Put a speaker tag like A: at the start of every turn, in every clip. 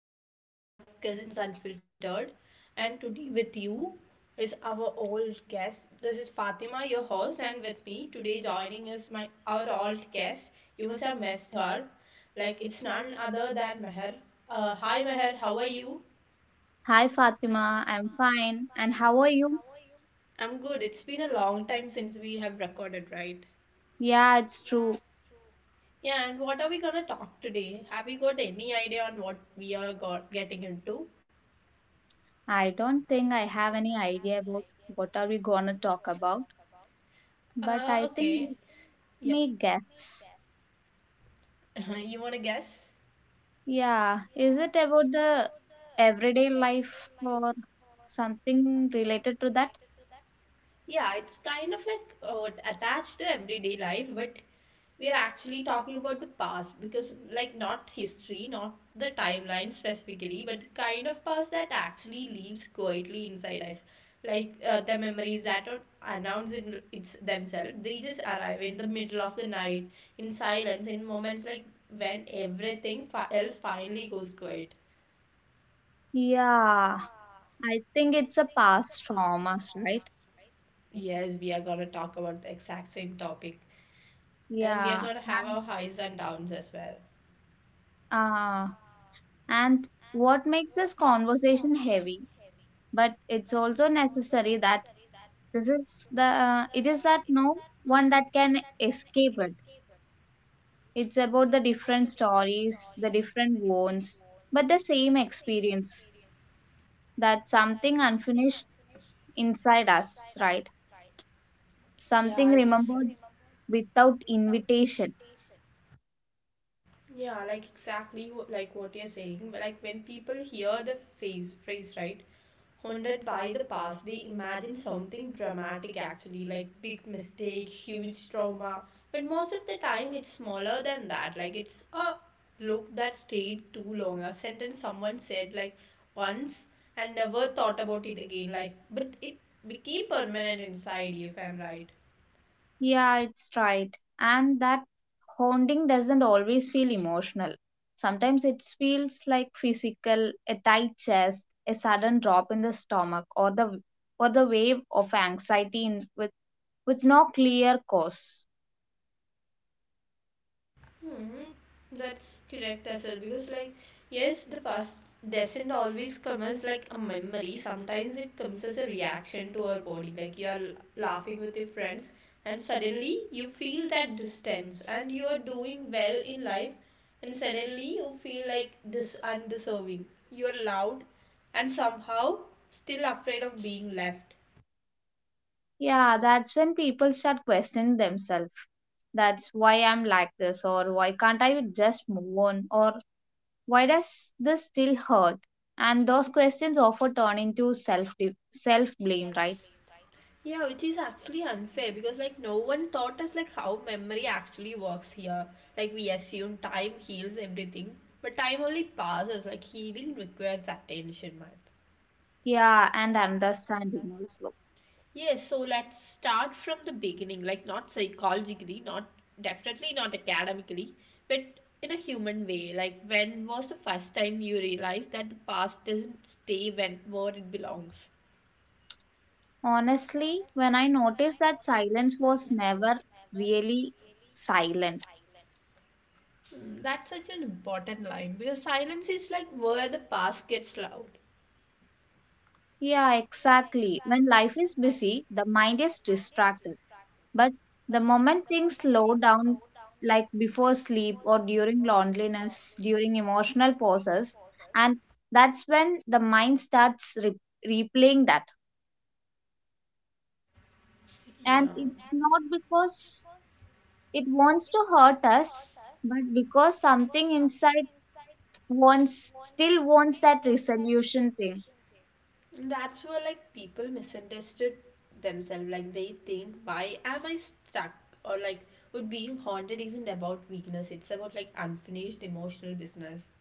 A: back to our another episode of Cousins Unfiltered. And today, with you is our old guest. This is Fatima, your host, and with me today joining is my our old guest. You must have missed her. Like it's none other than Meher. Hi, Meher. How are you?
B: Hi Fatima, I'm fine. And how are you?
A: I'm good. It's been a long time since we have recorded, right?
B: Yeah, it's true.
A: Yeah. And what are we gonna talk today? Have you got any idea on what we are got getting into?
B: I don't think I have any idea about what are we gonna talk about, but I think let
A: Okay. Yeah.
B: me guess.
A: You wanna guess?
B: Yeah, is it about the everyday life or something related to that?
A: Yeah, it's kind of like attached to everyday life, but we're actually talking about the past because, like, not history, not the timeline specifically, but the kind of past that actually lives quietly inside us. Like the memories that don't announce it, it's themselves, they just arrive in the middle of the night, in silence, in moments like when everything else finally goes quiet.
B: Yeah, I think it's a past traumas, right?
A: Yes, we are gonna talk about the exact same topic, and
B: Yeah,
A: we are gonna
B: and
A: have our highs and downs as well.
B: uh, and what makes this conversation heavy, but it's also necessary that this is the it is that no one that can escape it. It's about the different stories, the different wounds, but the same experience. That something unfinished inside us, right? Something
A: Yeah,
B: remembered
A: ex-
B: without invitation.
A: yeah, like like what you're saying. Like when people hear the phrase, right, haunted by the past, they imagine something dramatic actually, like big mistake, huge trauma. But most of the time, it's smaller than that. Like it's a look that stayed too long, a sentence someone said like once and never thought about it again. Like, but it became permanent inside you, if I'm right.
B: Yeah, it's right. And that haunting doesn't always feel emotional. Sometimes it feels like physical, a tight chest, a sudden drop in the stomach, or the wave of anxiety with no clear cause.
A: Hmm, that's correct as well because like yes, the past doesn't always come as like a memory. Sometimes it comes as a reaction to our body. Like you are laughing with your friends and suddenly you feel that distance, and you are doing well in life and suddenly you feel like this undeserving. You're loud and somehow still afraid of being left.
B: Yeah, that's when people start questioning themselves. That's why I'm like this, or why can't I just move on, or why does this still hurt? And those questions often turn into self blame, right?
A: Yeah, which is actually unfair because like no one taught us like how memory actually works here. Like we assume time heals everything, but time only passes. Like healing requires attention, man.
B: Yeah, and understanding also.
A: Yes, so let's start from the beginning. Like not psychologically, not definitely not academically, but in a human way. Like when was the first time you realized that the past doesn't stay when where it belongs?
B: Honestly, when I noticed that silence was never really silent.
A: Hmm. That's such an important line because silence is like where the past gets loud.
B: Yeah, exactly. When life is busy, the mind is distracted. But the moment things slow down, like before sleep or during loneliness, during emotional pauses, and that's when the mind starts replaying that. And
A: Yeah,
B: it's not because it wants to hurt us, but because something inside wants still wants that resolution thing.
A: and that's where like people misunderstood themselves. Like they think, why am I stuck? Or like, what being haunted isn't about weakness. It's about like unfinished emotional business.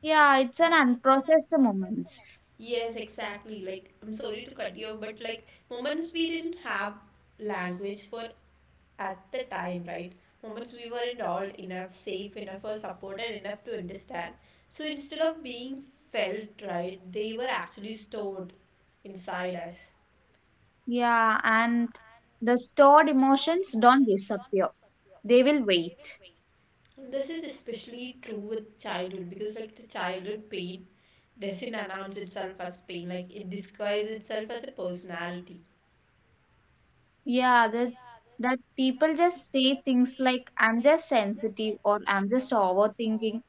B: Yeah, it's an unprocessed moments.
A: Yes, exactly. Like, I'm sorry to cut you off, but like moments we didn't have language for at the time, right? Moments we were involved enough, safe enough, or supported enough to understand. So instead of being felt, right, they were actually stored inside us.
B: Yeah, and the stored emotions don't disappear. They will wait.
A: So, this is especially true with childhood because, like, the childhood pain doesn't announce itself as pain. Like, it disguises itself as a personality.
B: Yeah, that people just say things like I'm just sensitive or I'm just overthinking.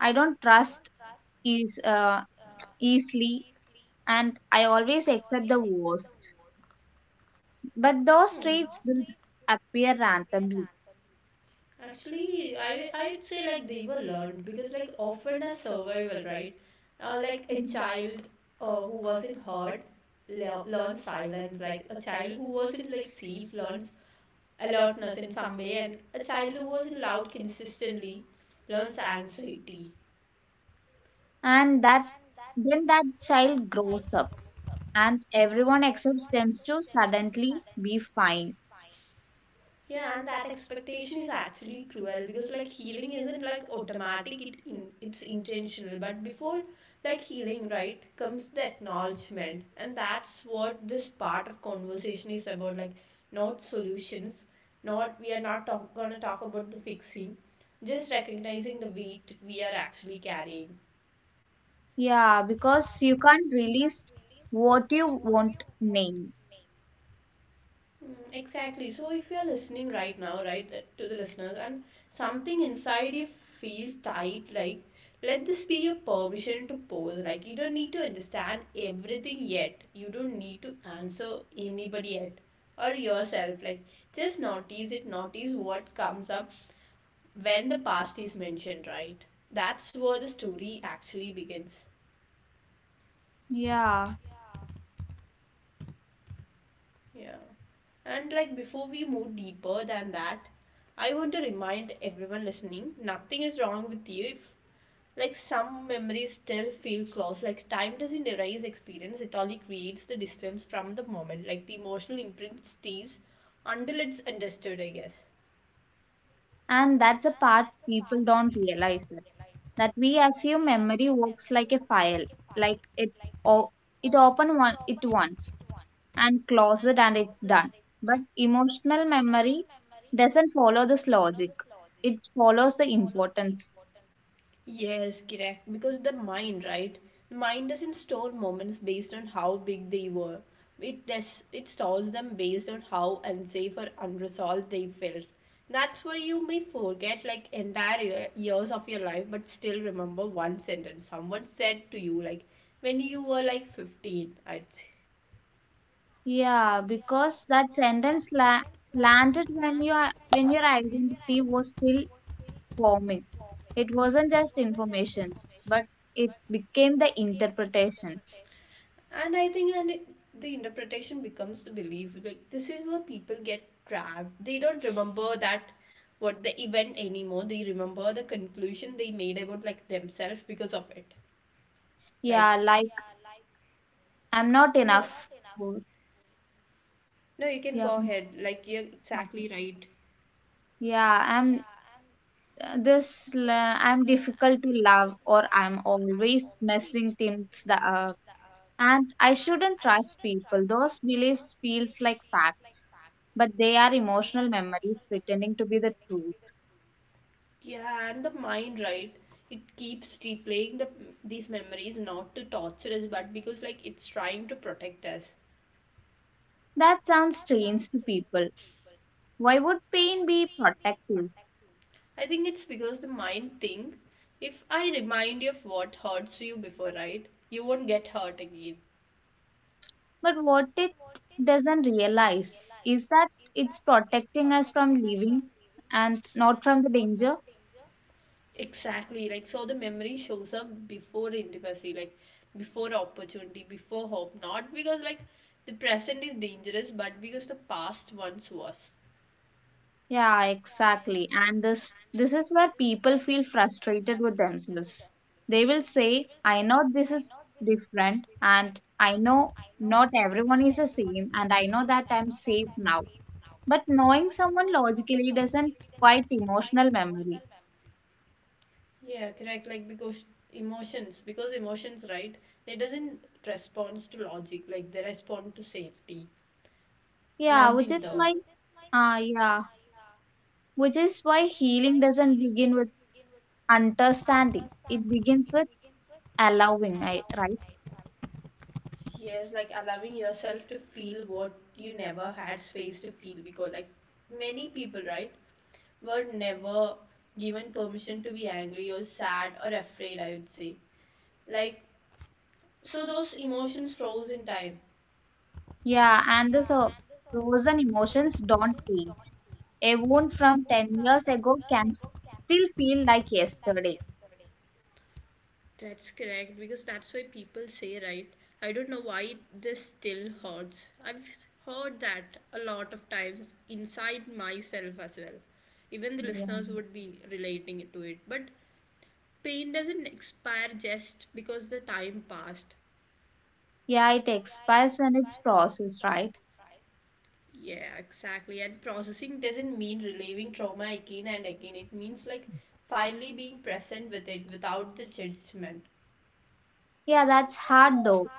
B: I don't trust is easily and I always accept the worst. But those traits
A: Hmm.
B: don't appear randomly.
A: Actually, I'd say, like, they were learned because, like, often as survival, right? Like, a child who wasn't hurt learns silence. Like, a child who wasn't, like, safe learns alertness in some way, and a child who wasn't loud consistently learns anxiety.
B: And that then that child grows up and everyone accepts them to suddenly be fine.
A: Yeah, and that expectation is actually cruel because like healing isn't like automatic, it's intentional. But before like healing, right, comes the acknowledgement. And that's what this part of conversation is about, like not solutions, not we are not talk, gonna talk about the fixing, just recognizing the weight we are actually carrying.
B: Yeah, because you can't release what you won't name.
A: Mm. Exactly. So if you're listening right now, right, to the listeners, and something inside you feels tight, like let this be your permission to pause. Like you don't need to understand everything yet. You don't need to answer anybody yet or yourself. Like just notice it, notice what comes up when the past is mentioned, right? That's where the story actually begins.
B: Yeah.
A: Yeah. And like before we move deeper than that, I want to remind everyone listening, nothing is wrong with you if like some memories still feel close. Like time doesn't erase experience, it only creates the distance from the moment. Like the emotional imprint stays until it's understood, I guess.
B: And that's a part people don't realize it, that we assume memory works like a file, like it o- it open one it once and close it and it's done, but emotional memory doesn't follow this logic. It follows the importance.
A: Yes, correct. Because the mind, right? Mind doesn't store moments based on how big they were. It does, it stores them based on how unsafe or unresolved they felt. That's why you may forget like entire years of your life, but still remember one sentence someone said to you, like when you were like 15. I.
B: Yeah, because that sentence la landed when your identity was still forming. It wasn't just informations, but it became the interpretations.
A: And I think the interpretation becomes the belief. Like this is where people get trapped. They don't remember that what the event anymore. They remember the conclusion they made about like themselves because of it.
B: Yeah,
A: Like
B: like I'm not
A: no,
B: enough. Or,
A: no, you
B: yeah,
A: can go ahead. Like you're
B: okay.
A: exactly right.
B: Yeah, I'm difficult to love, or I'm always messing things, and I shouldn't trust people. Those beliefs feels like facts, but they are emotional memories pretending to be the truth.
A: Yeah, and the mind, right, it keeps replaying these memories, not to torture us, but because like it's trying to protect us.
B: That sounds strange to people. Why would pain be protective?
A: I think it's because the mind think, if I remind you of what hurts you before, right, you won't get hurt again.
B: But what it doesn't realize is that it's protecting us from living and not from the danger.
A: Exactly. Like so the memory shows up before intimacy, like before opportunity, before hope. Not because like the present is dangerous, but because the past once was.
B: Yeah, exactly. And this is where people feel frustrated with themselves. They will say, I know this is different and I know not everyone is the same and I know that I'm safe now. But knowing someone logically doesn't quite emotional memory.
A: Yeah, correct. Like because emotions, right? They doesn't respond to logic. Like they respond to safety. And
B: Yeah,
A: I've
B: which is
A: been there.
B: why ah yeah, which is why healing doesn't begin with understanding. It begins with allowing, I right?
A: Yes, like allowing yourself to feel what you never had space to feel because, like, many people, right, were never given permission to be angry or sad or afraid, I would say. Like, so those emotions froze in time.
B: Yeah, and this so frozen emotions don't age. A wound from 10 years ago can still feel like yesterday.
A: That's correct. Because that's why people say, right, I don't know why this still hurts. I've heard that a lot of times inside myself as well. Even the
B: Yeah.
A: listeners would be relating to it. But pain doesn't expire just because the time passed.
B: Yeah, it expires when it's processed, right?
A: Yeah, exactly. And processing doesn't mean relieving trauma again and again. It means like finally being present with it without the judgment.
B: Yeah, that's hard though,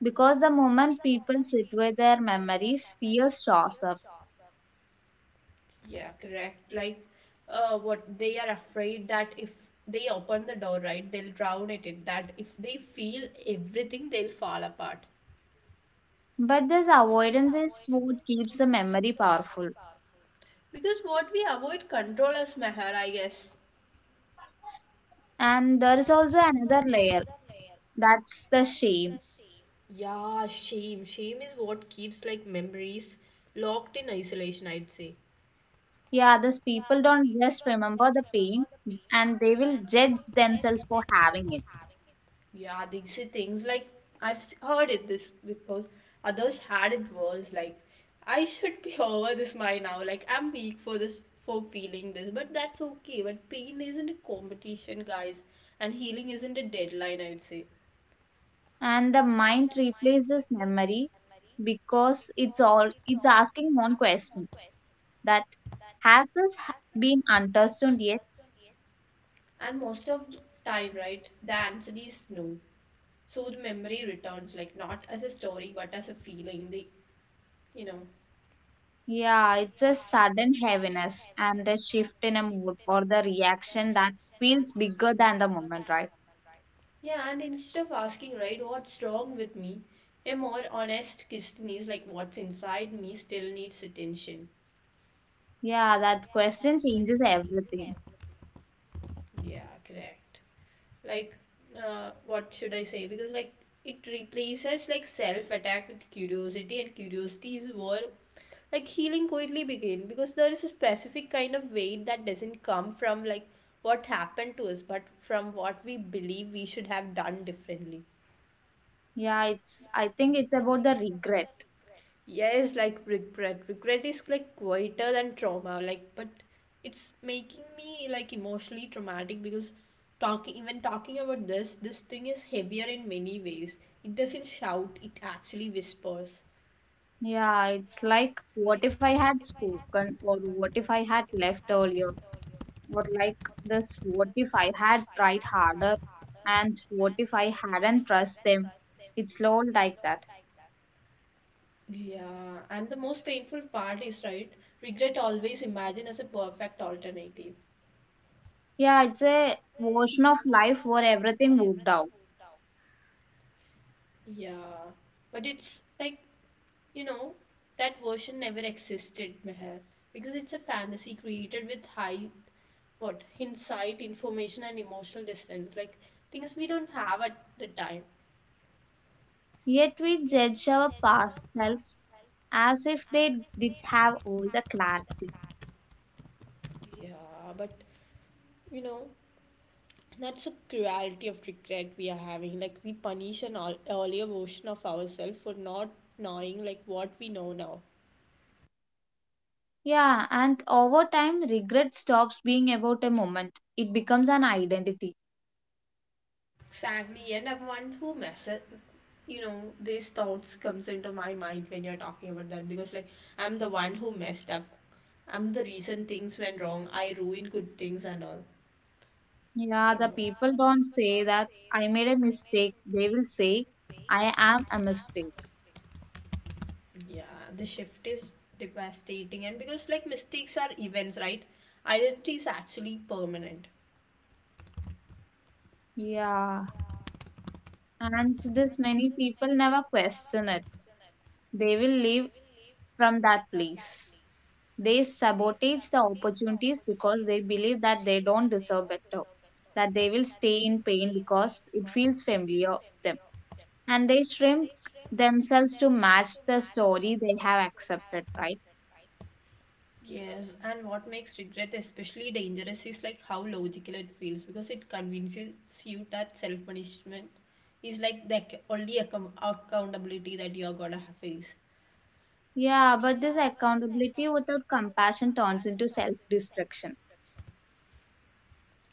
B: because the moment people sit with their memories, fear shows up.
A: Yeah, correct. Like what they are afraid that if they open the door, right, they'll drown it, in that if they feel everything they'll fall apart.
B: But this avoidance is what keeps the memory powerful.
A: Because what we avoid control as Meher, I guess.
B: And there is also another layer, that's the shame.
A: Yeah, shame. Shame is what keeps like memories locked in isolation, I'd say.
B: Yeah, these people don't just remember the pain and they will judge themselves for having it.
A: Yeah, these are things like heard it this because others had it worse. Like, I should be over this my now. Like, I'm weak for this, for feeling this, but that's okay. But pain isn't a competition, guys, and healing isn't a deadline, I would say.
B: And the mind replays this memory because it's all it's asking one question, that been understood yet?
A: And most of the time, right, the answer is no. So the memory returns, like, not as a story, but as a feeling. You know.
B: Yeah, it's a sudden heaviness and a shift in a mood or the reaction that feels bigger than the moment, right?
A: Yeah, and instead of asking, right, what's wrong with me, a more honest question is like, what's inside me still needs attention.
B: Yeah, that question changes everything.
A: Yeah, correct. Like, what should I say? Because like it replaces like self attack with curiosity, and curiosity is where like healing quietly begin, because there is a specific kind of weight that doesn't come from like what happened to us, but from what we believe we should have done differently.
B: Yeah, it's I think it's about the regret.
A: Yes, like regret. Regret is like quieter than trauma, like but it's making me like emotionally traumatic because talking about this thing is heavier in many ways. It doesn't shout, it actually whispers.
B: Yeah, it's like, what if I had spoken, or what if I had left earlier, or what if I had tried harder, and what if I hadn't trust them? It's all like that.
A: Yeah, and the most painful part is, right, regret always imagine as a perfect alternative.
B: Yeah, it's a version of life where everything worked out.
A: Yeah, but it's like, you know, that version never existed, Meher, because it's a fantasy created with high what insight information and emotional distance, like things we don't have at the time.
B: Yet we judge our past selves as if they did have all the clarity.
A: Yeah, but you know, that's a cruelty of regret we are having. Like we punish an earlier version of ourselves for not knowing like what we know now.
B: Yeah, and over time, regret stops being about a moment. It becomes an identity.
A: Exactly. And I'm one who messes, you know, these thoughts comes into my mind when you're talking about that, because like I'm the one who messed up. I'm the reason things went wrong, I ruined good things and all. I
B: Yeah, the
A: don't know.
B: people don't say that I made a mistake. They will say I am a mistake.
A: Yeah, the shift is devastating, and because like mistakes are events, right? Identity is actually permanent.
B: Yeah. And this many people never question it. They will leave from that place. They sabotage the opportunities because they believe that they don't deserve better, that they will stay in pain because it feels familiar to them. And they shrink themselves to match the story they have accepted, right?
A: Yes, and what makes regret especially dangerous is like how logical it feels, because it convinces you that self punishment is like the accountability that you're gonna have face.
B: Yeah, but this accountability without compassion turns into self destruction,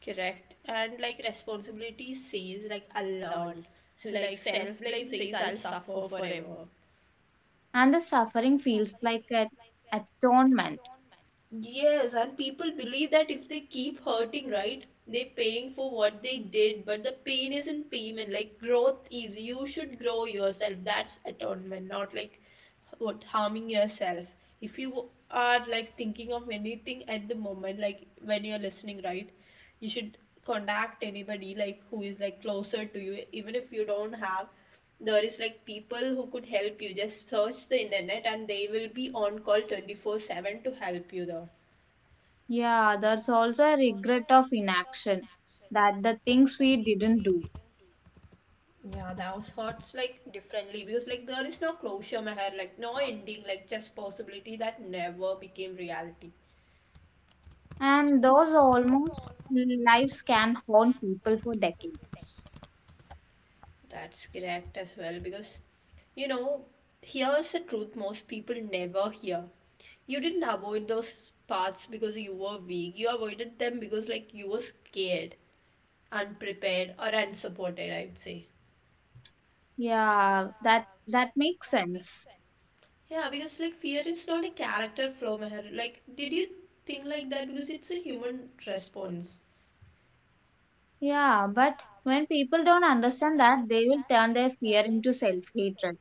A: Correct, and like responsibility says like I'll learn, like self blame says I'll suffer forever.
B: and the suffering feels like an atonement.
A: Yes, and people believe that if they keep hurting, right, they're paying for what they did, but the pain isn't payment. Like growth is you should grow yourself. That's atonement, not like what harming yourself. If you are like thinking of anything at the moment, like when you're listening, right, you should contact anybody like who is like closer to you, even if you don't have. There is people who could help you. Just search the internet, and they will be on call 24/7 to help you there.
B: Yeah, there's also a regret of inaction, that the things we didn't do,
A: Yeah, that was hurts differently because there is no closure, Meher, like no ending, like just possibility that never became reality.
B: and those almost lives can haunt people for decades.
A: That's correct as well because you know, here's the truth most people never hear. You didn't avoid those parts because you were weak. You avoided them because you were scared, unprepared or unsupported, I'd say.
B: Yeah, that that makes sense.
A: Yeah, because fear is not a character flaw, Meher. Like did you think like that? Because it's a human response.
B: Yeah, but when people don't understand that, they will turn their fear into self hatred.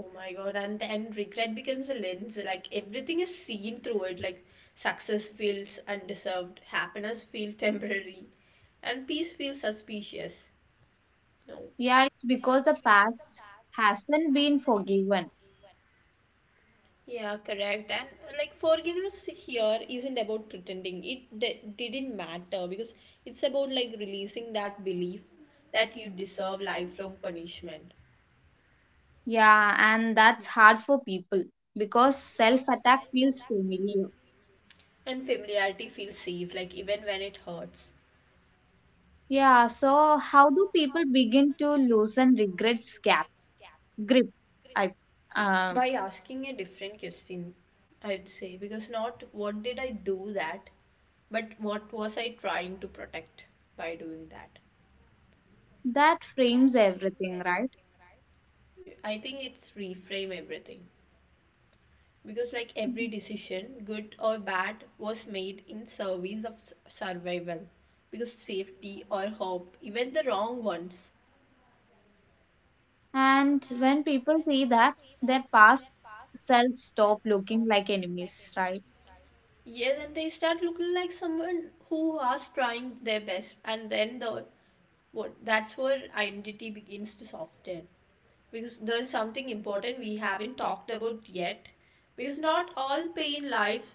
A: Oh my god, and then regret becomes a lens. Like everything is seen through it. Like success feels undeserved, happiness feels temporary, and peace feels suspicious. No.
B: Yeah, it's because the past hasn't been forgiven.
A: Yeah, correct. And like forgiveness here isn't about pretending. Didn't matter because it's about releasing that belief that you deserve lifelong punishment.
B: Yeah, and that's hard for people because self attack feels familiar.
A: And familiarity feels safe, like even when it hurts.
B: Yeah, so how do people begin to loosen regrets gap grip? I um
A: By asking a different question, I'd say, because not what did I do that, but what was I trying to protect by doing that?
B: that frames everything, right?
A: I think it's reframe everything, because every
B: Mhm.
A: decision, good or bad, was made in service of survival, because safety or hope, even the wrong ones.
B: And when people see that, their past selves stop looking like enemies, right?
A: Yeah, then they start looking like someone who was trying their best. And then the what, that's where identity begins to soften, because there is something important we haven't talked about yet. Because not all pain lives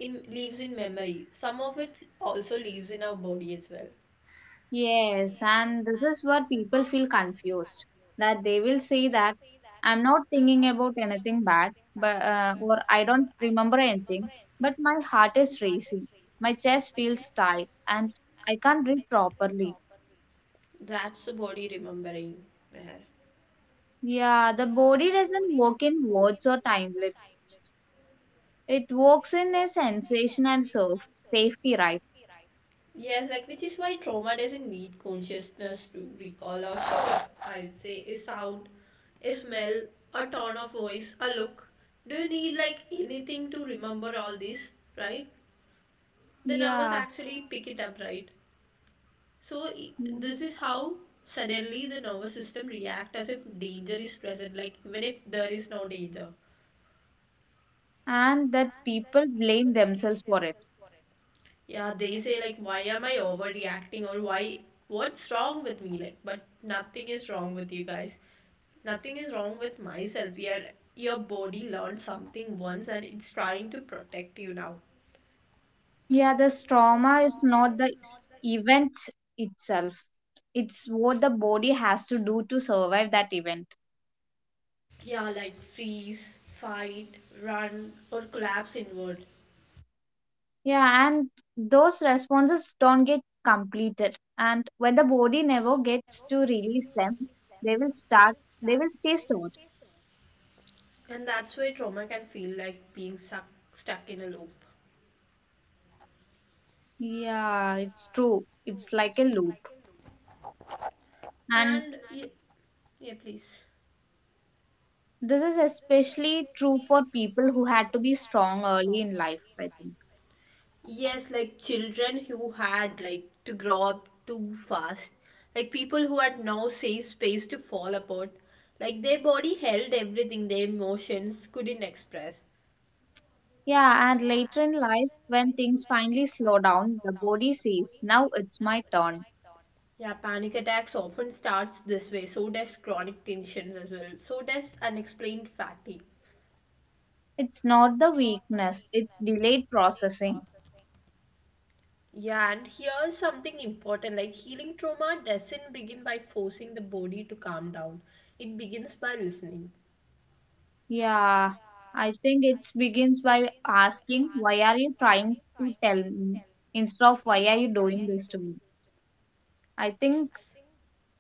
A: in lives in memory. Some of it also lives in our body as well.
B: Yes, and this is where people feel confused that they will say that I'm not thinking about anything bad, but or I don't remember anything, but my heart is racing, my chest feels tight, and I can't breathe properly.
A: That's the body remembering, Meher.
B: Yeah, the body doesn't work in words or time limit. It works in a sensation and self safety, right?
A: Yes, like, which is why trauma doesn't need consciousness to recall or store, I would say. A sound, a smell, a tone of voice, a look. Do you need anything to remember all this? Right. The nervous
B: Yeah,
A: actually pick it up, right?
B: yeah.
A: This is how suddenly the nervous system react as if danger is present, like even if there is no danger.
B: And that people blame themselves for it.
A: Yeah, they say like, why am I overreacting, or why, what's wrong with me? Like but nothing is wrong with you guys. Nothing is wrong with myself. Your body learned something once, and it's trying to protect you now.
B: Yeah, the trauma is not the event itself. It's what the body has to do to survive that event.
A: Yeah, like freeze, fight, run, or collapse inward.
B: Yeah, and those responses don't get completed. And when the body never gets to release them, they will start, they will stay stored.
A: And that's why trauma can feel like being stuck in a loop.
B: Yeah, it's true. It's like a loop. And
A: And yeah, please.
B: this is especially true for people who had to be strong early in life, I think.
A: Yes, like children who had to grow up too fast, like people who had no safe space to fall apart, like their body held everything their emotions couldn't express.
B: Yeah, and later in life, when things finally slow down, the body says, now it's my turn.
A: Yeah, panic attacks often starts this way. So does chronic tensions as well. So does unexplained fatigue.
B: It's not the weakness, it's delayed processing.
A: Yeah, and here's something important, like healing trauma doesn't begin by forcing the body to calm down. It begins by listening.
B: Yeah, I think it begins by asking, why are you trying to tell me? Instead of why are you doing this to me? I think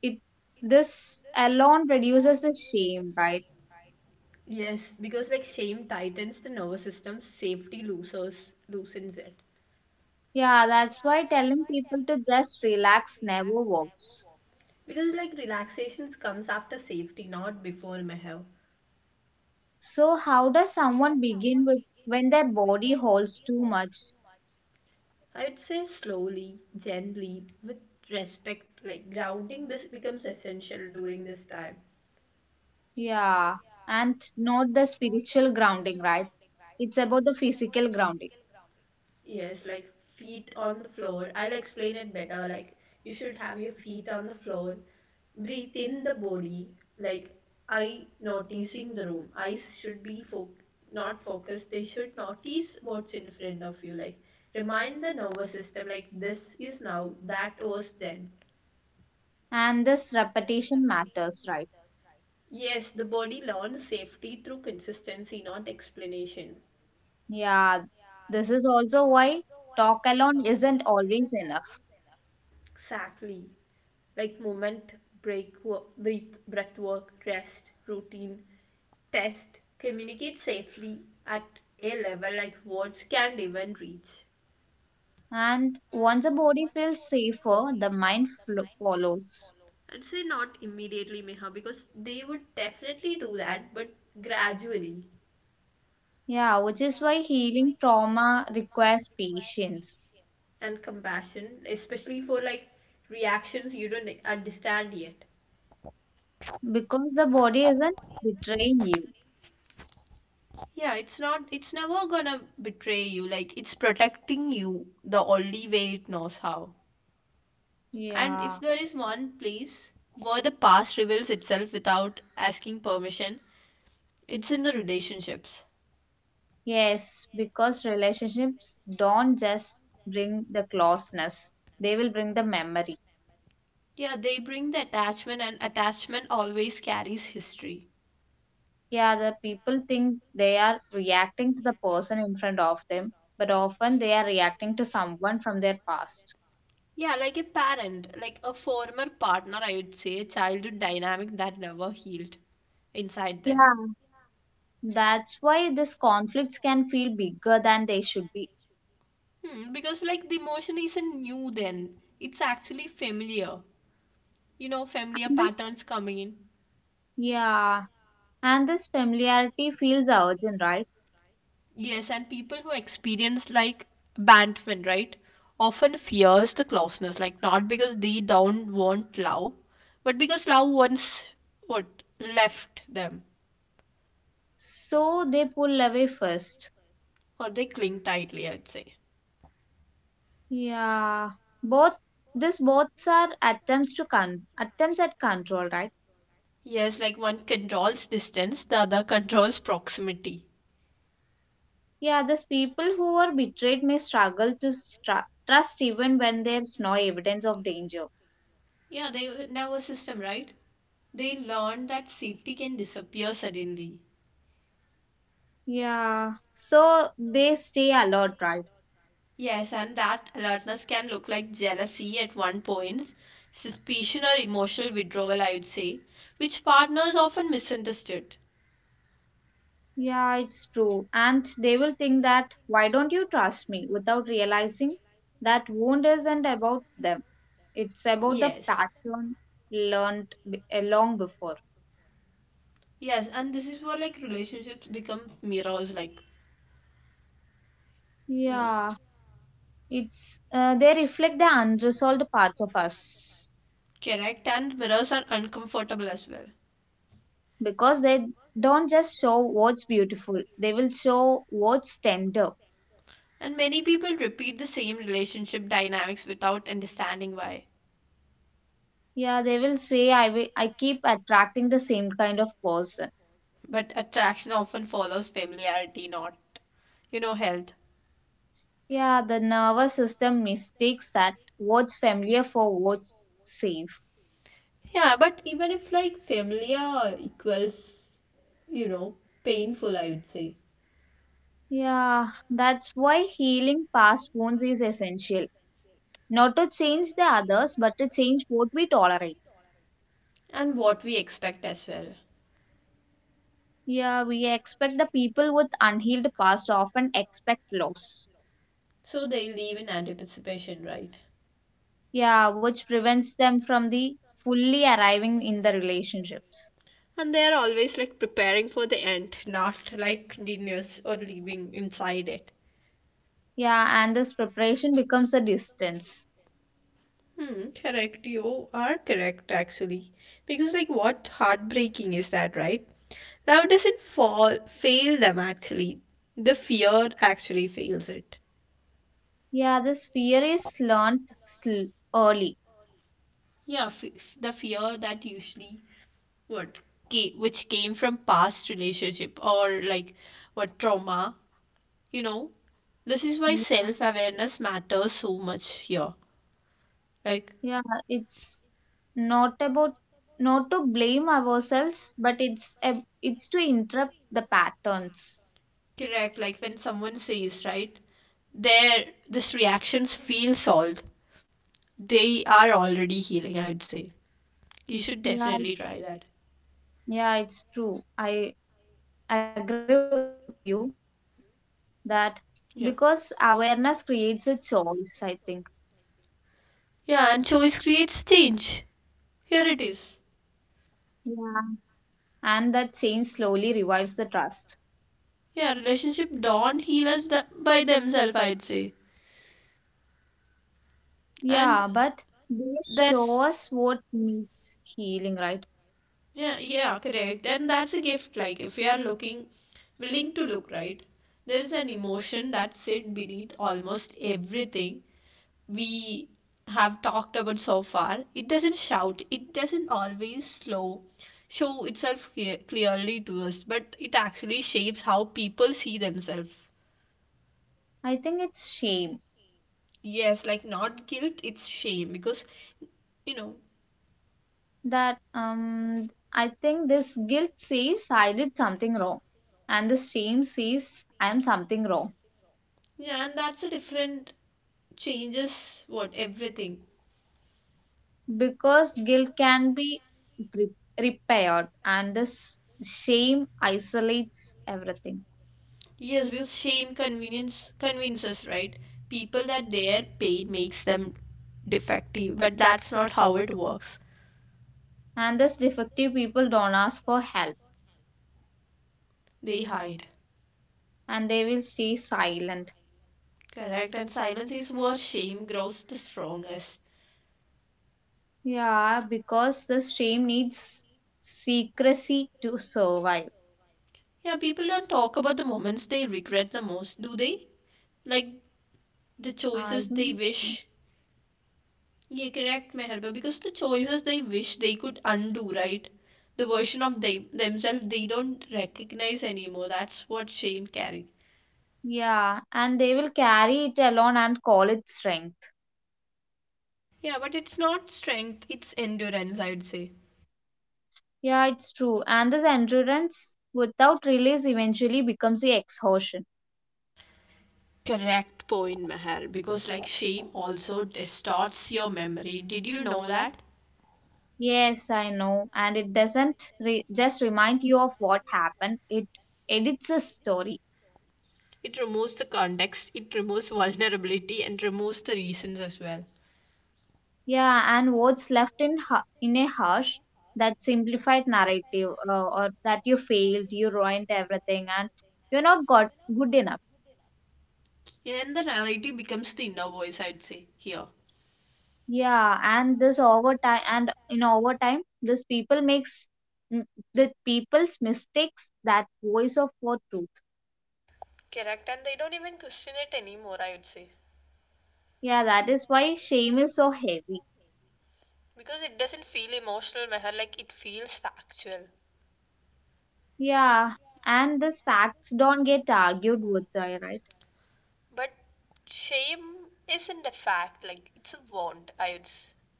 B: it This alone reduces the shame, right?
A: Yes, because like shame tightens the nervous system, safety loosers loosens it.
B: Yeah, that's why telling people to just relax never works.
A: Because like relaxation comes after safety, not before, mehav.
B: So how does someone begin with when their body holds too much?
A: I'd say slowly, gently, with respect, like grounding becomes essential during this time.
B: Yeah, and not the spiritual grounding, right? It's about the physical grounding.
A: Yes, like feet on the floor. I'll explain it better. Like you should have your feet on the floor, breathe in the body, like, I noticing the room, eyes should be not focused, they should notice what's in front of you, like remind the nervous system, like this is now, that was then.
B: And this repetition matters, right?
A: Yes, the body learns safety through consistency, not explanation.
B: Yeah, this is also why talk alone isn't always enough.
A: Exactly, like moment break, breathe, breath work, rest routine, test, communicate safely at a level like words can't even reach.
B: And once the body feels safer, the mind follows.
A: I'd say not immediately, Meha, because they would definitely do that, but gradually.
B: Yeah, which is why healing trauma requires patience
A: And compassion, especially for reactions you don't understand yet.
B: because the body isn't betraying you.
A: Yeah, it's never gonna betray you. Like, it's protecting you the only way it knows how. And
B: Yeah.
A: if there is one place where the past reveals itself without asking permission, it's in the relationships.
B: Yes, because relationships don't just bring the closeness, they will bring the memory.
A: Yeah, they bring the attachment, and attachment always carries history.
B: Yeah, the people think they are reacting to the person in front of them, but often they are reacting to someone from their past.
A: Yeah, like a parent, like a former partner, I would say, a childhood dynamic that never healed inside them.
B: Yeah, that's why these conflicts can feel bigger than they should be.
A: Hmm, because, like, the emotion isn't new then, it's actually familiar. You know, familiar
B: And this,
A: patterns coming in.
B: yeah, and this familiarity feels urgent, right?
A: Yes, and people who experience, like, abandonment, right, often fears the closeness, like, not because they don't want love, but because love once, what, left them.
B: So they pull away first.
A: Or they cling tightly, I'd say.
B: Yeah, both both are attempts to con attempts at control, right?
A: Yes, like one controls distance, the other controls proximity.
B: Yeah, these people who are betrayed may struggle to stra trust even when there's no evidence of danger.
A: Yeah, they nervous system, right? They learn that safety can disappear suddenly.
B: Yeah, so they stay alert, right?
A: Yes, and that alertness can look like jealousy at one point, suspicion or emotional withdrawal, I would say, which partners often misunderstood.
B: Yeah, it's true. And they will think that why don't you trust me without realizing that wound isn't about them. It's about the
A: Yes.
B: pattern learned long before.
A: Yes, and this is where like relationships become mirrors, like no.
B: Yeah. It's they reflect the unresolved parts of us
A: Correct, and mirrors are uncomfortable as well.
B: because they don't just show what's beautiful, they will show what's tender.
A: And many people repeat the same relationship dynamics without understanding why.
B: Yeah, they will say I keep attracting the same kind of person.
A: But attraction often follows familiarity, not, health.
B: Yeah, the nervous system mistakes that what's familiar for what's safe.
A: Yeah, but even if like familiar equals, you know, painful, I would say.
B: Yeah, that's why healing past wounds is essential, not to change the others but to change what we tolerate.
A: And what we expect as well.
B: Yeah, we expect the people with unhealed past often expect loss.
A: So they live in anticipation, right?
B: Yeah, which prevents them from the fully arriving in the relationships.
A: And they are always like preparing for the end, not like continuous or living inside it.
B: Yeah, and this preparation becomes a distance.
A: Hmm, correct. You are correct, actually. Because, like, what heartbreaking is that, right? Now, it doesn't fail them, actually. The fear actually fails it.
B: Yeah, this fear is learned early.
A: Yeah, the fear that usually what came, which came from past relationship or like what trauma, you know. This is why
B: Yeah,
A: self awareness matters so much here. Like,
B: yeah, it's not about not to blame ourselves, but it's to interrupt the patterns.
A: correct, like when someone says, right, their this reactions feel solved, they are already healing, I would say. You should
B: Yeah,
A: definitely try
B: it's,
A: that.
B: yeah, it's true. I agree with you. That because awareness
A: yeah
B: creates a choice, I think,
A: yeah, and choice creates change. Here it is.
B: yeah. And that change slowly revives the trust.
A: Yeah, relationship don't heal us by themselves, I'd say.
B: Yeah,
A: And
B: but they show
A: that's
B: us what needs healing, right?
A: yeah, yeah, correct, and that's a gift, like if we are looking, willing to look, right, there is an emotion that sit beneath almost everything we have talked about so far. It doesn't shout, it doesn't always slow show itself clearly to us, but it actually shapes how people see themselves.
B: I think it's shame.
A: Yes, like not guilt, it's shame, because you know,
B: That I think this guilt says I did something wrong, and this shame says I am something wrong
A: yeah, and that's a different changes what everything.
B: because guilt can be re- repaired, and this shame isolates everything.
A: Yes, because shame convenience convinces, right, people that their pain makes them defective. But that's not how it works.
B: And thus defective people don't ask for help,
A: They hide.
B: and they will stay silent.
A: Correct, and silence is where shame grows the strongest.
B: Yeah, because the shame needs secrecy to survive.
A: Yeah, people don't talk about the moments they regret the most, do they? Like the
B: I
A: choices they
B: don't.
A: wish. Yeah, correct, Meherba, because the choices they wish they could undo, right? The version of they themselves they don't recognize anymore. That's what shame carries.
B: Yeah, and they will carry it alone and call it strength.
A: Yeah, but it's not strength, it's endurance, I would say.
B: Yeah, it's true. And this endurance without release eventually becomes the exhaustion.
A: Correct point, Meher, because like shame also distorts your memory. Did you know that?
B: Yes, I know, and it doesn't just remind you of what happened, it edits a story.
A: It removes the context, it removes vulnerability, and removes the reasons as well.
B: Yeah, and what's left in in a harsh, that simplified narrative, or that you failed, you ruined everything, and you're not got good enough.
A: And the narrative becomes the inner voice, I would say, here.
B: Yeah, and this over time, and in over time, this people makes mm, the people's mistakes that voice of for truth.
A: Correct, and they don't even question it anymore, I would say.
B: Yeah, that is why shame is so heavy.
A: Because it doesn't feel emotional, Meher, like it feels factual.
B: Yeah, and these facts don't get argued with, right?
A: But shame isn't a fact, like it's a wound,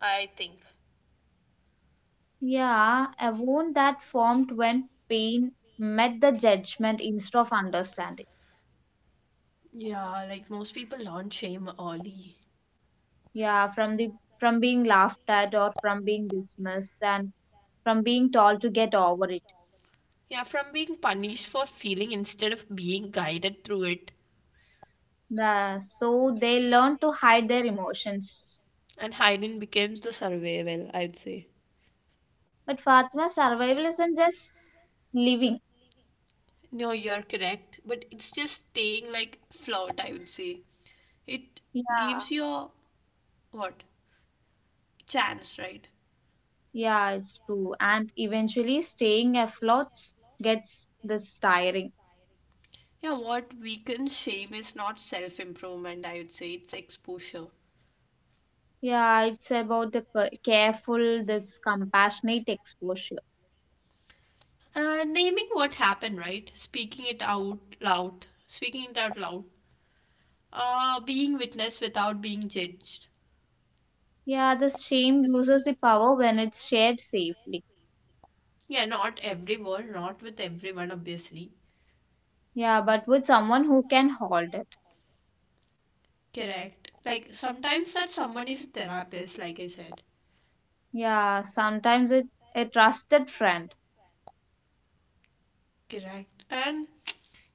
A: I think.
B: Yeah, a wound that formed when pain met the judgment instead of understanding.
A: Yeah, like most people learn shame early.
B: Yeah, from the from being laughed at or from being dismissed and from being told to get over it.
A: Yeah, from being punished for feeling instead of being guided through it.
B: So they learn to hide their emotions.
A: And hiding becomes the survival, I would say.
B: But Fatma, survival isn't just living.
A: No, you're correct, but it's just staying like flawed, I would say. It
B: Yeah,
A: gives your what? Chance, right?
B: yeah, it's true. And eventually, staying afloat gets this tiring.
A: Yeah, what weakens shame is not self improvement, I would say, it's exposure.
B: Yeah, it's about the careful, this compassionate exposure.
A: Naming what happened, right? Speaking it out loud. Speaking it out loud. Being witness without being judged.
B: Yeah, the shame loses the power when it's shared safely.
A: Yeah, not everyone, not with everyone, obviously.
B: Yeah, but with someone who can hold it.
A: Correct. Like sometimes that someone is a therapist, like I said.
B: Yeah, sometimes it a trusted friend.
A: Correct. And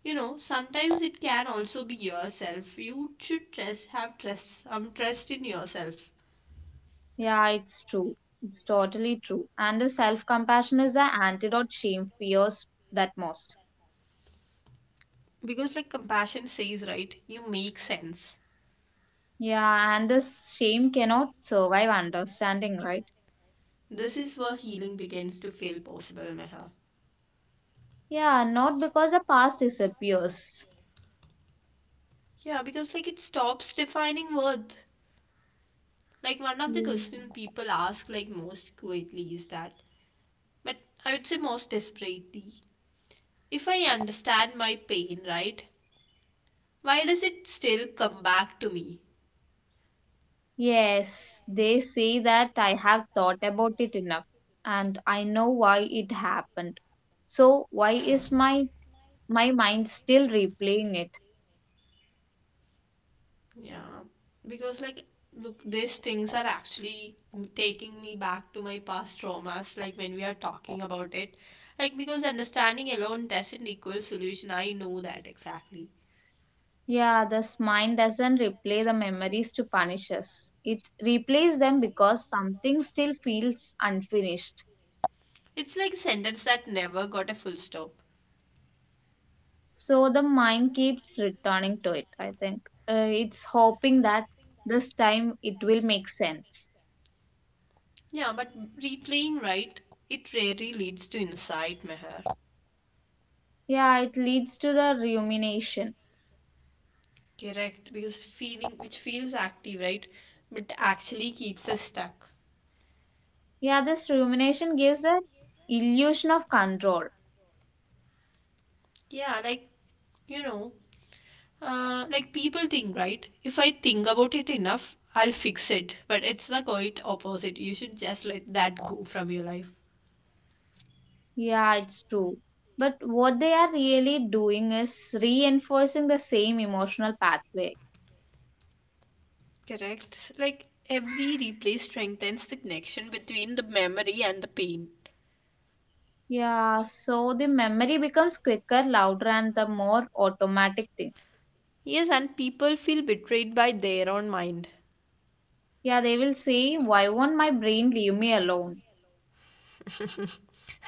A: you know sometimes it can also be yourself. You should trust have trust some trust in yourself,
B: Yeah, it's true. It's totally true. And the self-compassion is the antidote shame fears that most.
A: because like compassion says, right, you make sense.
B: Yeah, and this shame cannot survive understanding, right?
A: This is where healing begins to feel possible, Meher.
B: Yeah, not because the past disappears.
A: Yeah, because like it stops defining worth. Like one of the
B: Yeah.
A: questions people ask like most quietly is that, but I would say most desperately, if I understand my pain, right, why does it still come back to me?
B: Yes, they say that I have thought about it enough and I know why it happened. So why is my mind still replaying it?
A: Yeah, because like, look, these things are actually taking me back to my past traumas, like when we are talking about it. Like, because understanding alone doesn't equal solution. I know that exactly.
B: Yeah, this mind doesn't replay the memories to punish us. It replays them because something still feels unfinished.
A: It's like a sentence that never got a full stop.
B: So the mind keeps returning to it, I think. It's hoping that this time it will make sense.
A: Yeah, but replaying, right, it rarely leads to insight, Meher.
B: Yeah, it leads to the rumination.
A: Correct, because feeling, which feels active, right, but actually keeps us stuck.
B: Yeah, this rumination gives the illusion of control.
A: Yeah, like, you know, like people think, right? If I think about it enough, I'll fix it. But it's the quite opposite. You should just let that go from your life.
B: Yeah, it's true. But what they are really doing is reinforcing the same emotional pathway.
A: Correct. Like every replay strengthens the connection between the memory and the pain.
B: Yeah, so the memory becomes quicker, louder, and the more automatic thing.
A: Yes, and people feel betrayed by their own mind.
B: Yeah, they will say, why won't my brain leave me alone?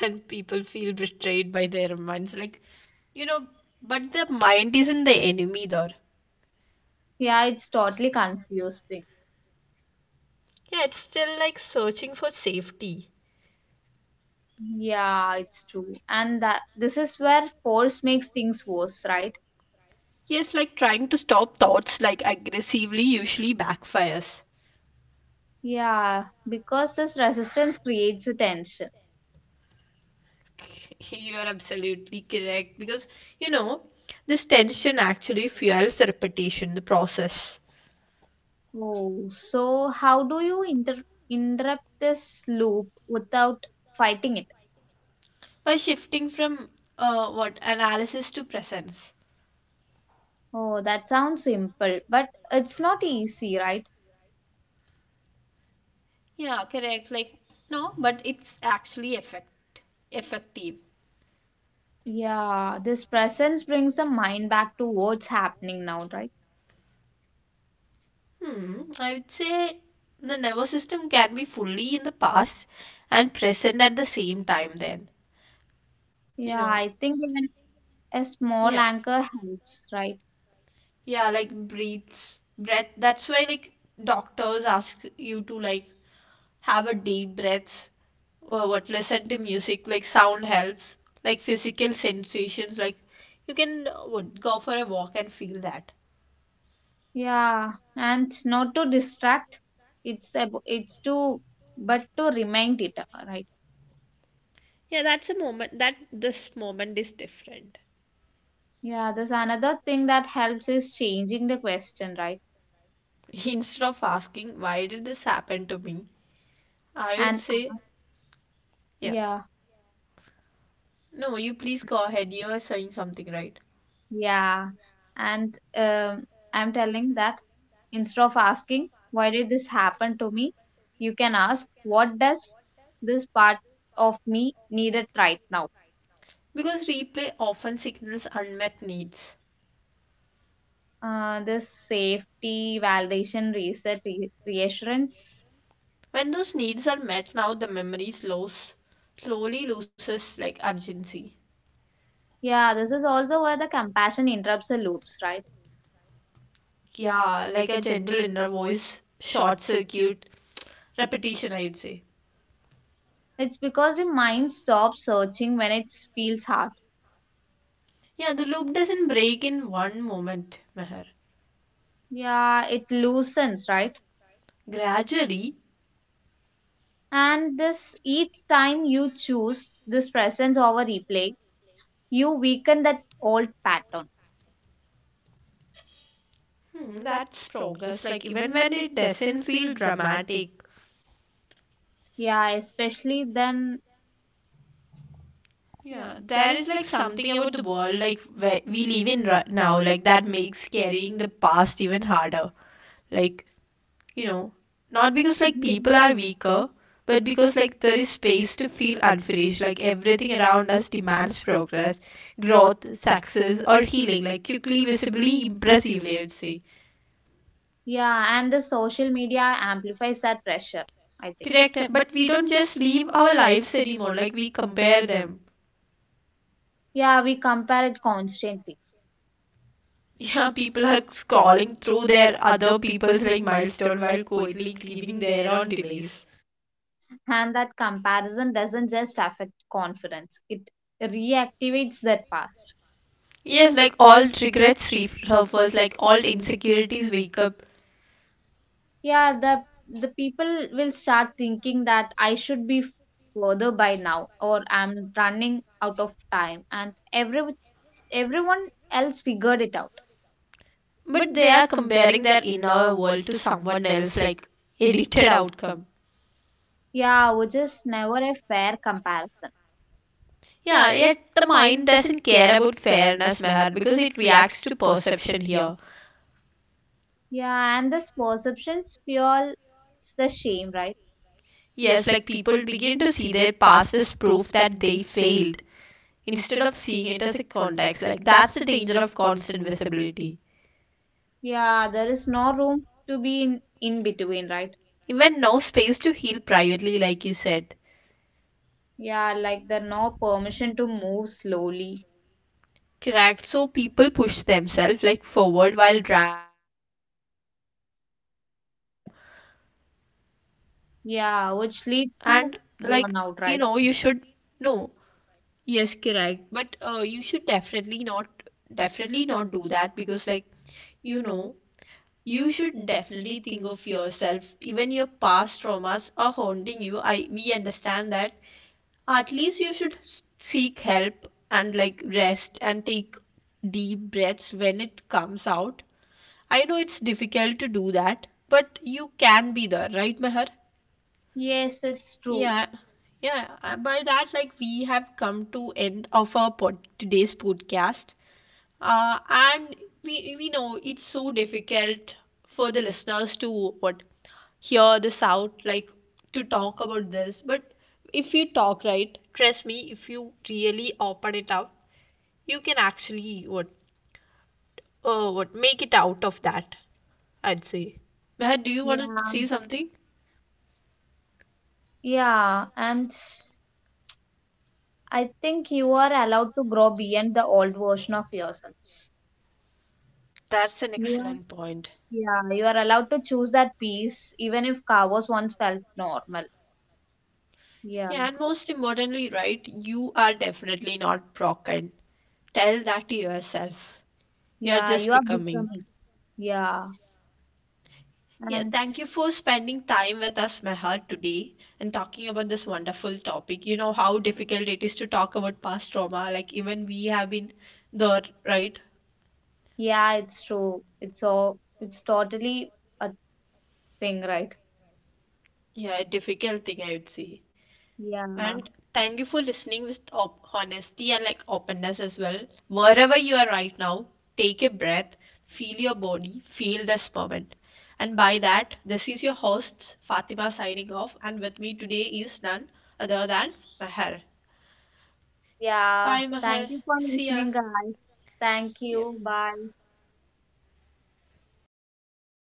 A: And people feel betrayed by their minds. Like, you know, but the mind isn't the enemy there.
B: Yeah, it's totally confused thing.
A: Yeah, it's still like searching for safety.
B: Yeah, it's true. And that this is where force makes things worse, right?
A: Yes, like trying to stop thoughts like aggressively usually backfires.
B: Yeah, because this resistance creates a tension.
A: You are absolutely correct because you know this tension actually fuels the repetition, the process
B: Oh, so how do you interrupt this loop without fighting it?
A: by shifting from what analysis to presence.
B: Oh, that sounds simple, but it's not easy, right?
A: Yeah, correct. Like no, but it's actually effective.
B: Yeah, this presence brings the mind back to what's happening now, right?
A: Hmm, I would say the nervous system can be fully in the past and present at the same time. Then you
B: Yeah,
A: know,
B: I think even a small
A: yeah.
B: anchor helps, right?
A: Yeah, like breath. That's why like doctors ask you to like have a deep breath or what listen to music. Like sound helps, like physical sensations, like you can what go for a walk and feel that.
B: Yeah, and not to distract, it's ab- it's to but to remind it, right?
A: Yeah, that's a moment that this moment is different.
B: Yeah, there's another thing that helps is changing the question, right?
A: Instead of asking why did this happen to me, I would
B: And
A: say,
B: ask,
A: yeah,
B: yeah.
A: no, you please go ahead. You are saying something, right?
B: Yeah, and I'm telling that instead of asking, why did this happen to me? You can ask, what does this part of me needed right now?
A: Because replay often signals unmet needs.
B: This safety, validation, reset, reassurance.
A: When those needs are met now, the memory slows, slowly loses like urgency.
B: Yeah, this is also where the compassion interrupts the loops, right?
A: Yeah, like a gentle inner voice, short circuit, repetition, I would say.
B: It's because the mind stops searching when it feels hard.
A: Yeah, the loop doesn't break in one moment, Meher.
B: Yeah, it loosens, right?
A: Gradually,
B: And this each time you choose this presence over replay, you weaken that old pattern.
A: hmm, that's progress, like even when it doesn't feel dramatic.
B: Yeah, especially then.
A: Yeah, there is like something about the world like where we live in right now, like that makes carrying the past even harder. Like you know not because like
B: Yeah.
A: people are weaker, but because like there is space to feel unfinished. Like everything around us demands progress, growth, success, or healing, like quickly, visibly, impressively, I'd say.
B: Yeah and the social media amplifies that pressure, I think.
A: Correct, but we don't just live our lives anymore, like we compare them.
B: Yeah, we compare it constantly.
A: Yeah, people are scrolling through their other people's like milestone while quietly grieving their own delays.
B: And that comparison doesn't just affect confidence, it reactivates that past.
A: Yes, like all regrets resurface, like all insecurities wake up.
B: Yeah, the people will start thinking that I should be further by now or I'm running out of time and everyone else figured it out.
A: But they are comparing their inner world to someone else, like edited outcome.
B: Yeah, which is never a fair comparison.
A: Yeah, yet the mind doesn't care about fairness, Meher, because it reacts to perception here.
B: Yeah, and this perceptions fuel the shame, right?
A: Yes, like people begin to see their past as proof that they failed instead of seeing it as a context. Like that's the danger of constant visibility.
B: Yeah, there is no room to be in between, right?
A: When no space to heal privately like you said.
B: Yeah, like there no permission to move slowly.
A: Correct, so people push themselves like forward while dragging unhealed pain behind them.
B: Yeah, which
A: And
B: leads to
A: like
B: burnout,
A: you
B: right?
A: should no yes correct, but you should definitely not do that. Because like you know you should definitely think of yourself. Even your past traumas are haunting you, I we understand that. At least you should seek help and like rest and take deep breaths when it comes out. I know it's difficult to do that, but you can be there, right, Meher?
B: Yes, it's true.
A: Yeah, yeah. By that, like we have come to end of our pod today's podcast. And we know it's so difficult for the listeners to what hear this out, like to talk about this. But if you talk right, trust me, if you really open it up, you can actually what make it out of that, I'd say. Meher, do you want
B: Yeah,
A: to say something?
B: yeah, and I think you are allowed to grow beyond the old version of yourselves.
A: That's an
B: You are,
A: excellent point.
B: yeah, you are allowed to choose that piece even if chaos once felt normal. Yeah,
A: Yeah, and most importantly, right, you are definitely not broken. Tell that to yourself. You are
B: yeah,
A: just
B: you are
A: becoming.
B: becoming. Yeah,
A: Yeah,
B: and
A: thank you for spending time with us, Meher, today and talking about this wonderful topic. You know how difficult it is to talk about past trauma. Like, even we have been there, right?
B: yeah, it's true. It's all, it's totally a thing, right?
A: Yeah, a difficult thing, I would say.
B: Yeah,
A: And thank you for listening with honesty and like openness as well. Wherever you are right now, take a breath, feel your body, feel this moment. And by that, this is your host Fatima signing off, and with me today is none other than Mahar.
B: yeah.
A: Bye,
B: Thank
A: Mahar.
B: you for
A: See ya.
B: listening, guys. Thank
A: Yeah.
B: you. Bye.